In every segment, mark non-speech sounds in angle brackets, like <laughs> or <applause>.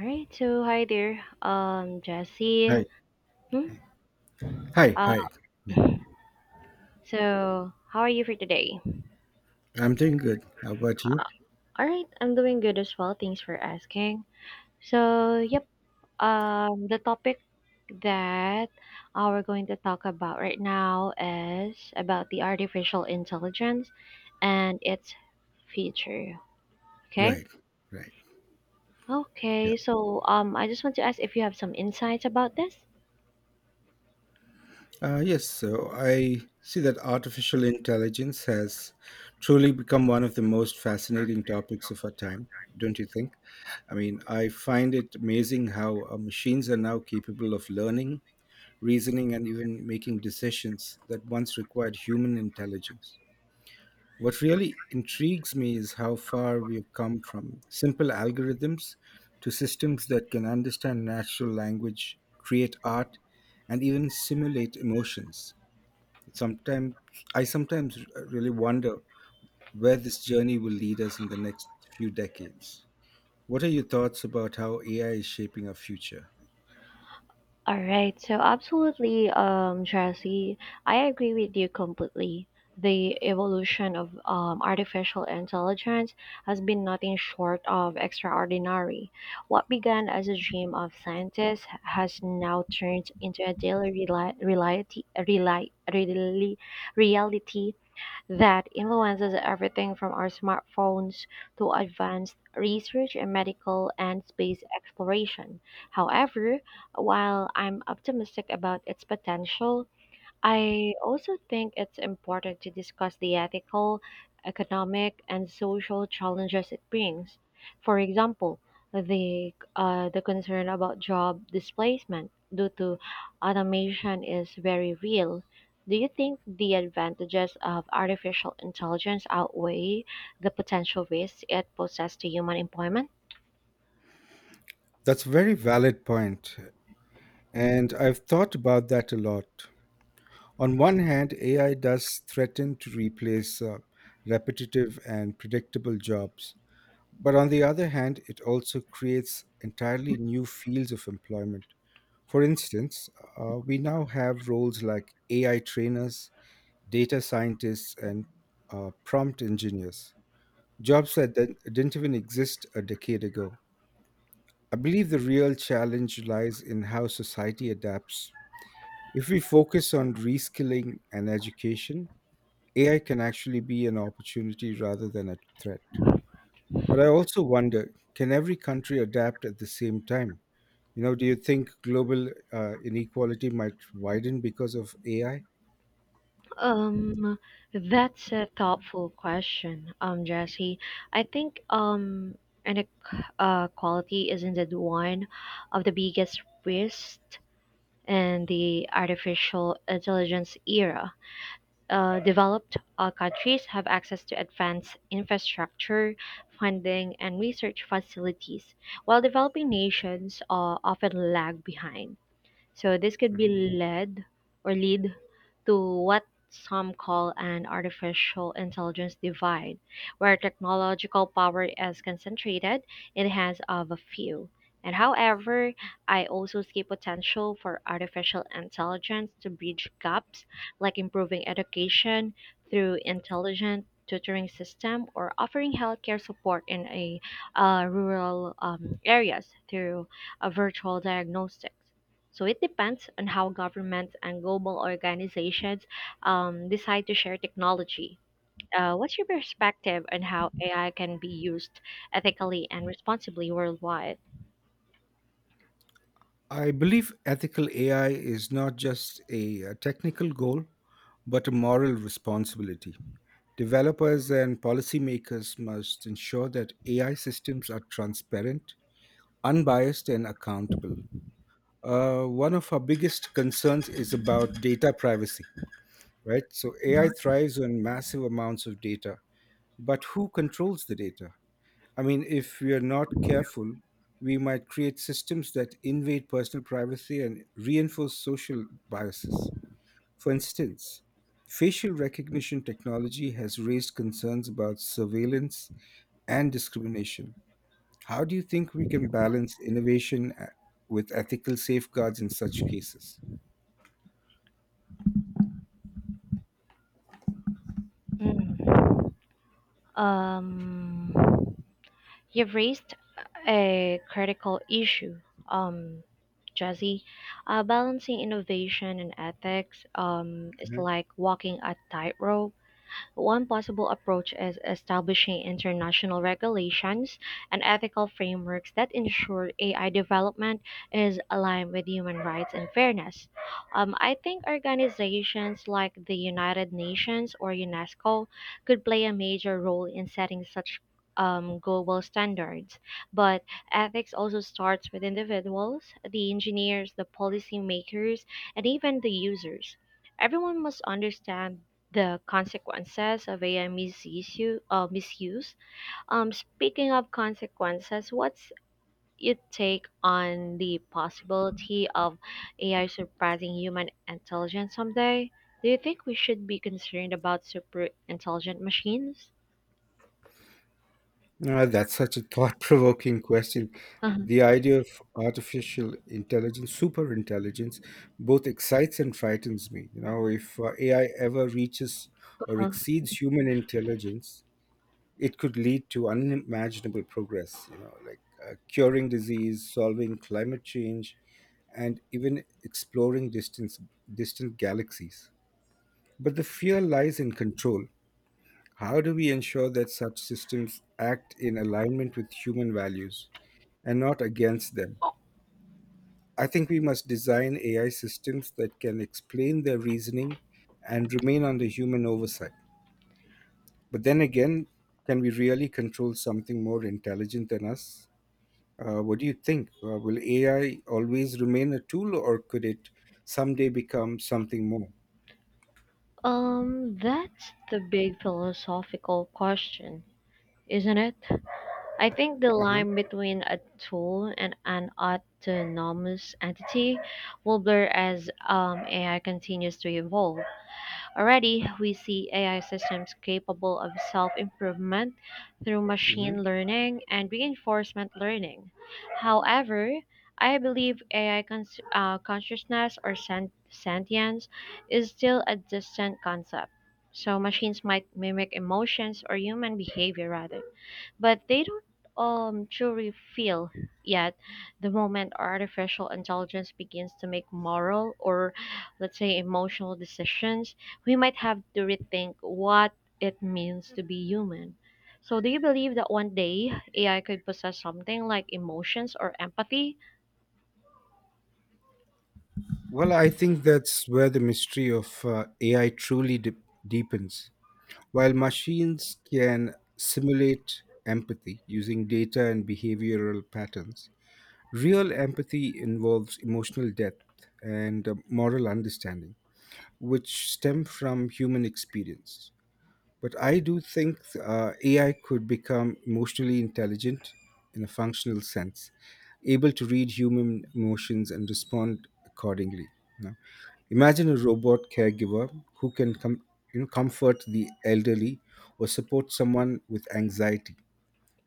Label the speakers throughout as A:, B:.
A: All right, so hi there, Jesse.
B: Hi.
A: Hmm?
B: Hi.
A: Uh,
B: Hi. Yeah.
A: <laughs> so how are you for today?
B: I'm doing good. How about you?
A: Uh, all right, I'm doing good as well. Thanks for asking. So, yep, the topic that we're going to talk about right now is about the artificial intelligence and its future. Okay.
B: Right. Right. Yeah.
A: Okay. So, I just want to ask if you have some insights about this.
B: Yes. So I see that artificial intelligence has truly become one of the most fascinating topics of our time, don't you think? I mean, I find it amazing how machines are now capable of learning, reasoning, and even making decisions that once required human intelligence. What really intrigues me is how far we've come from simple algorithms to systems that can understand natural language, create art, and even simulate emotions. Sometimes I sometimes really wonder where this journey will lead us in the next few decades. What are your thoughts about how AI is shaping our future?
A: All right, so absolutely, Jesse, I agree with you completely. The evolution of artificial intelligence has been nothing short of extraordinary. What began as a dream of scientists has now turned into a daily reali- reality, reali- really reality that influences everything from our smartphones to advanced research in medical and space exploration. However, while I'm optimistic about its potential, I also think it's important to discuss the ethical, economic, and social challenges it brings. For example, the concern about job displacement due to automation is very real. Do you think the advantages of artificial intelligence outweigh the potential risks it poses to human employment?
B: That's a very valid point, and I've thought about that a lot. On one hand, AI does threaten to replace repetitive and predictable jobs. But on the other hand, it also creates entirely new fields of employment. For instance, we now have roles like AI trainers, data scientists, and prompt engineers, jobs that didn't even exist a decade ago. I believe the real challenge lies in how society adapts. If we focus on reskilling and education, AI can actually be an opportunity rather than a threat. But I also wonder, can every country adapt at the same time? You know, do you think global inequality might widen because of AI?
A: Um, that's a thoughtful question, Jesse. I think inequality is indeed one of the biggest risks in the artificial intelligence era. Developed countries have access to advanced infrastructure, funding, and research facilities, while developing nations often lag behind. So this could be
B: Mhm.
A: led or lead to what some call an artificial intelligence divide, where technological power is concentrated in the hands of a few. And however, I also see potential for artificial intelligence to bridge gaps like improving education through intelligent tutoring system or offering healthcare support in a rural areas through a virtual diagnostics. So it depends on how governments and global organizations decide to share technology. What's your perspective on how AI can be used ethically and responsibly worldwide?
B: I believe ethical AI is not just a technical goal, but a moral responsibility. Developers and policymakers must ensure that AI systems are transparent, unbiased, and accountable. One of our biggest concerns is about data privacy, right? So AI
A: Mhm.
B: thrives on massive amounts of data, but who controls the data? I mean, if we are not careful, we might create systems that invade personal privacy and reinforce social biases. For instance, facial recognition technology has raised concerns about surveillance and discrimination. How do you think we can balance innovation with ethical safeguards in such cases?
A: Mm. Um, you've raised a critical issue, um, Jazzy. Balancing innovation and ethics is like walking a tightrope. One possible approach is establishing international regulations and ethical frameworks that ensure AI development is aligned with human rights and fairness. I think organizations like the United Nations or UNESCO could play a major role in setting such global standards. But ethics also starts with individuals, the engineers, the policymakers, and even the users. Everyone must understand the consequences of AI misuse. Misuse. Speaking of consequences, what's your take on the possibility of AI surpassing human intelligence someday? Do you think we should be concerned about super intelligent machines?
B: Ah, that's such a <laughs> thought-provoking question. The idea of artificial intelligence, super intelligence, both excites and frightens me. You know, if AI ever reaches or
A: Uh-huh.
B: exceeds human intelligence, it could lead to unimaginable progress. You know, like curing disease, solving climate change, and even exploring distance distant galaxies. But the fear lies in control. How do we ensure that such systems act in alignment with human values and not against them? I think we must design AI systems that can explain their reasoning and remain under human oversight. But then again, can we really control something more intelligent than us? What do you think? Will AI always remain a tool, or could it someday become something more?
A: That's the big philosophical question, isn't it? I think the
B: Uh-huh.
A: line between a tool and an autonomous entity will blur as AI continues to evolve. Already, we see AI systems capable of self improvement through machine
B: hmm
A: learning and reinforcement learning. However, I believe AI consciousness or sentience is still a distant concept. So, machines might mimic emotions or human behavior rather, but they don't truly feel yet. The moment artificial intelligence begins to make moral or, let's say, emotional decisions, we might have to rethink what it means to be human. So do you believe that one day AI could possess something like emotions or empathy?
B: Well, I think that's where the mystery of AI truly deepens. While machines can simulate empathy using data and behavioral patterns, real empathy involves emotional depth and moral understanding, which stem from human experience. But I do think AI could become emotionally intelligent in a functional sense, able to read human emotions and respond accordingly. Imagine a robot caregiver who can comfort the elderly or support someone with anxiety.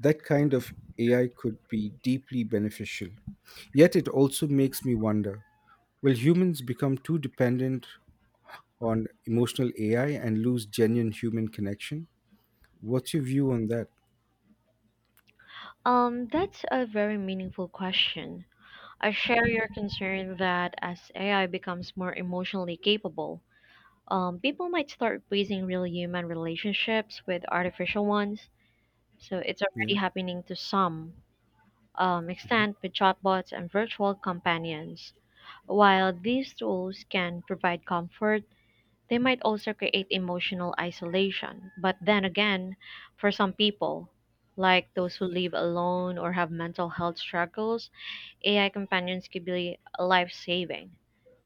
B: That kind of AI could be deeply beneficial. Yet it also makes me wonder, will humans become too dependent on emotional AI and lose genuine human connection? What's your view on that?
A: That's a very meaningful question. I share your concern that as AI becomes more emotionally capable, people might start replacing real human relationships with artificial ones. So it's already
B: Yeah.
A: happening to some extent with chatbots and virtual companions. While these tools can provide comfort, they might also create emotional isolation. But then again, for some people, like those who live alone or have mental health struggles, AI companions could be life saving.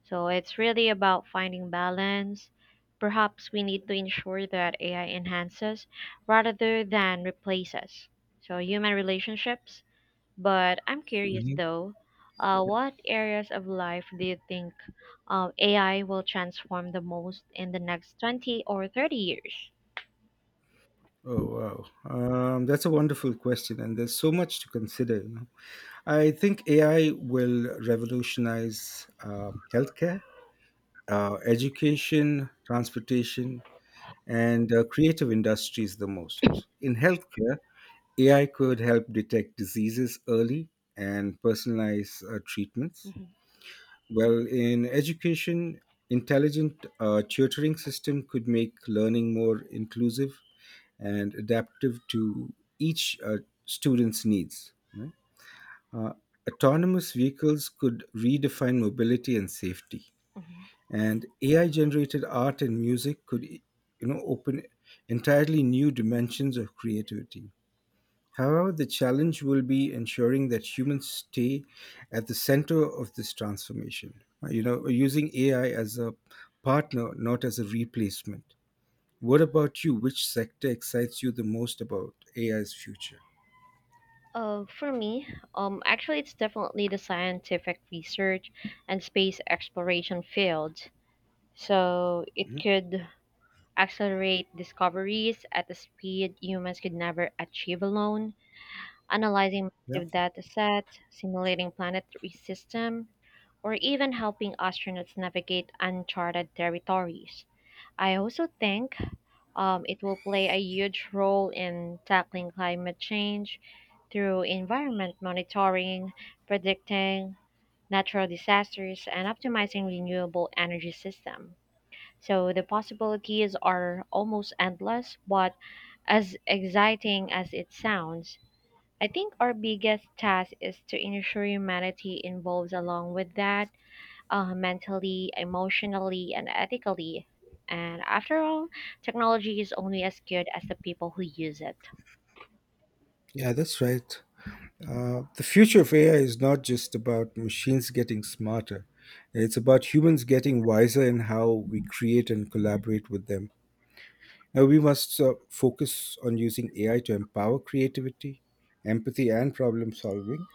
A: So it's really about finding balance. Perhaps we need to ensure that AI enhances rather than replaces. So human relationships. But I'm curious
B: Mhm.
A: though, what areas of life do you think AI will transform the most in the next 20 or 30 years?
B: Oh wow, that's a wonderful question, and there's so much to consider. You know, I think AI will revolutionize healthcare, education, transportation, and creative industries the most. In healthcare, AI could help detect diseases early and personalize treatments.
A: Mhm,
B: Well, in education, intelligent tutoring system could make learning more inclusive and adaptive to each student's needs, right? Uh, Autonomous vehicles could redefine mobility and safety,
A: mhm.
B: and AI generated art and music could open entirely new dimensions of creativity. However, the challenge will be ensuring that humans stay at the center of this transformation. Using AI as a partner, not as a replacement. What about you? Which sector excites you the most about AI's future?
A: For me, actually, it's definitely the scientific research and space exploration fields. So it
B: Mhm.
A: could accelerate discoveries at a speed humans could never achieve alone, analyzing
B: Yeah.
A: massive data sets, simulating planetary systems, or even helping astronauts navigate uncharted territories. I also think it will play a huge role in tackling climate change through environment monitoring, predicting natural disasters, and optimizing renewable energy systems. So the possibilities are almost endless, but as exciting as it sounds, I think our biggest task is to ensure humanity involves along with that, mentally, emotionally, and ethically. And after all, technology is only as good as the people who use it.
B: Yeah, that's right. The future of AI is not just about machines getting smarter. It's about humans getting wiser in how we create and collaborate with them. Now, we must focus on using AI to empower creativity, empathy, and problem solving.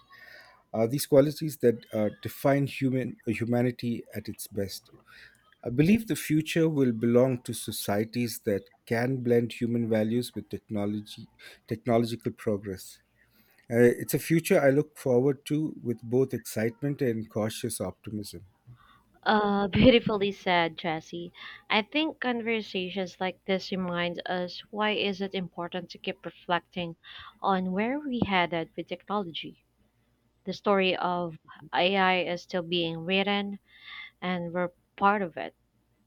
B: Are these qualities that define humanity at its best? I believe the future will belong to societies that can blend human values with technological progress. It's a future I look forward to with both excitement and cautious optimism.
A: <laughs> Beautifully said, Jesse. I think conversations like this remind us why is it important to keep reflecting on where we headed with technology. The story of AI is still being written, and we're part of it.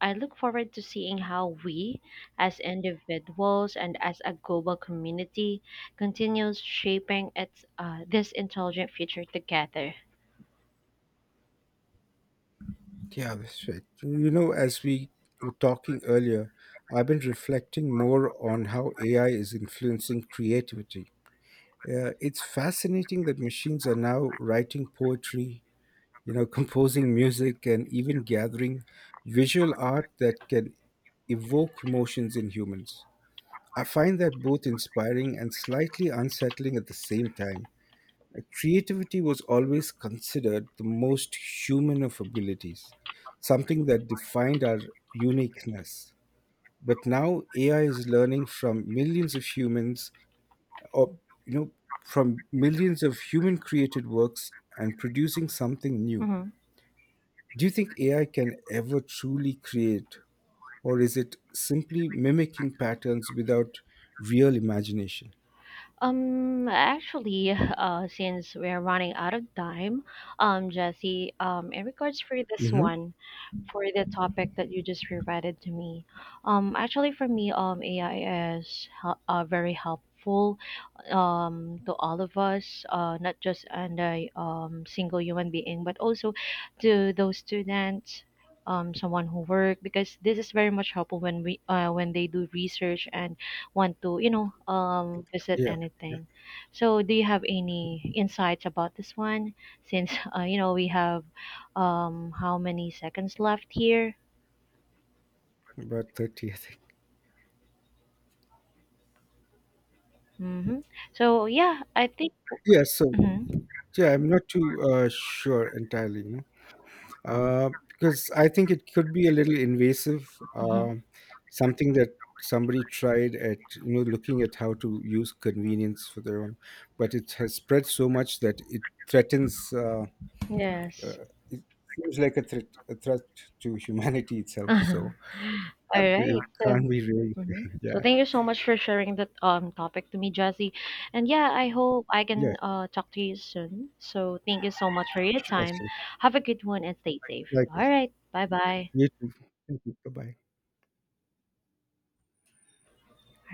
A: I look forward to seeing how we, as individuals and as a global community, continues shaping its this intelligent future together.
B: Yeah, that's right. You know, as we were talking earlier, I've been reflecting more on how AI is influencing creativity. It's fascinating that machines are now writing poetry, <laughs> composing music, and even gathering visual art that can evoke emotions in humans. I find that both inspiring and slightly unsettling at the same time. Creativity was always considered the most human of abilities, something that defined our uniqueness. But now AI is learning from millions of humans, or you know, from millions of human created works and producing something new.
A: Mhm.
B: Do you think AI can ever truly create, or is it simply mimicking patterns without real imagination?
A: Since we're running out of time, Jesse, in regards for this
B: Hmm.
A: one, for the topic that you just provided to me, actually for me, AI is very helpful to all of us, not just and a single human being, but also to those students, someone who work, because this is very much helpful when we when they do research and want to visit
B: Yeah, yeah,
A: anything. So, do you have any insights about this one? Since <laughs> you know we have how many seconds left here?
B: about 30, I think.
A: Hmm. So yeah, I think.
B: Yeah, so.
A: Mhm,
B: Yeah, I'm not too sure entirely, because I think it could be a little invasive.
A: mhm.
B: Something that somebody tried at, looking at how to use convenience for their own, but it has spread so much that it threatens.
A: Yes.
B: Uh, it seems like a threat to humanity
A: <laughs>
B: itself.
A: All
B: So it
A: right. So
B: can't be really.
A: hmm.
B: <laughs>
A: So
B: Yeah.
A: thank you so much for sharing that topic to me, Jesse. And yeah, I hope I
B: Yeah.
A: can talk to you soon. So thank you so much for your
B: Sure.
A: time.
B: Sure.
A: Have a good one and stay safe.
B: Likewise.
A: All right, bye bye.
B: You too. Thank you. Bye bye.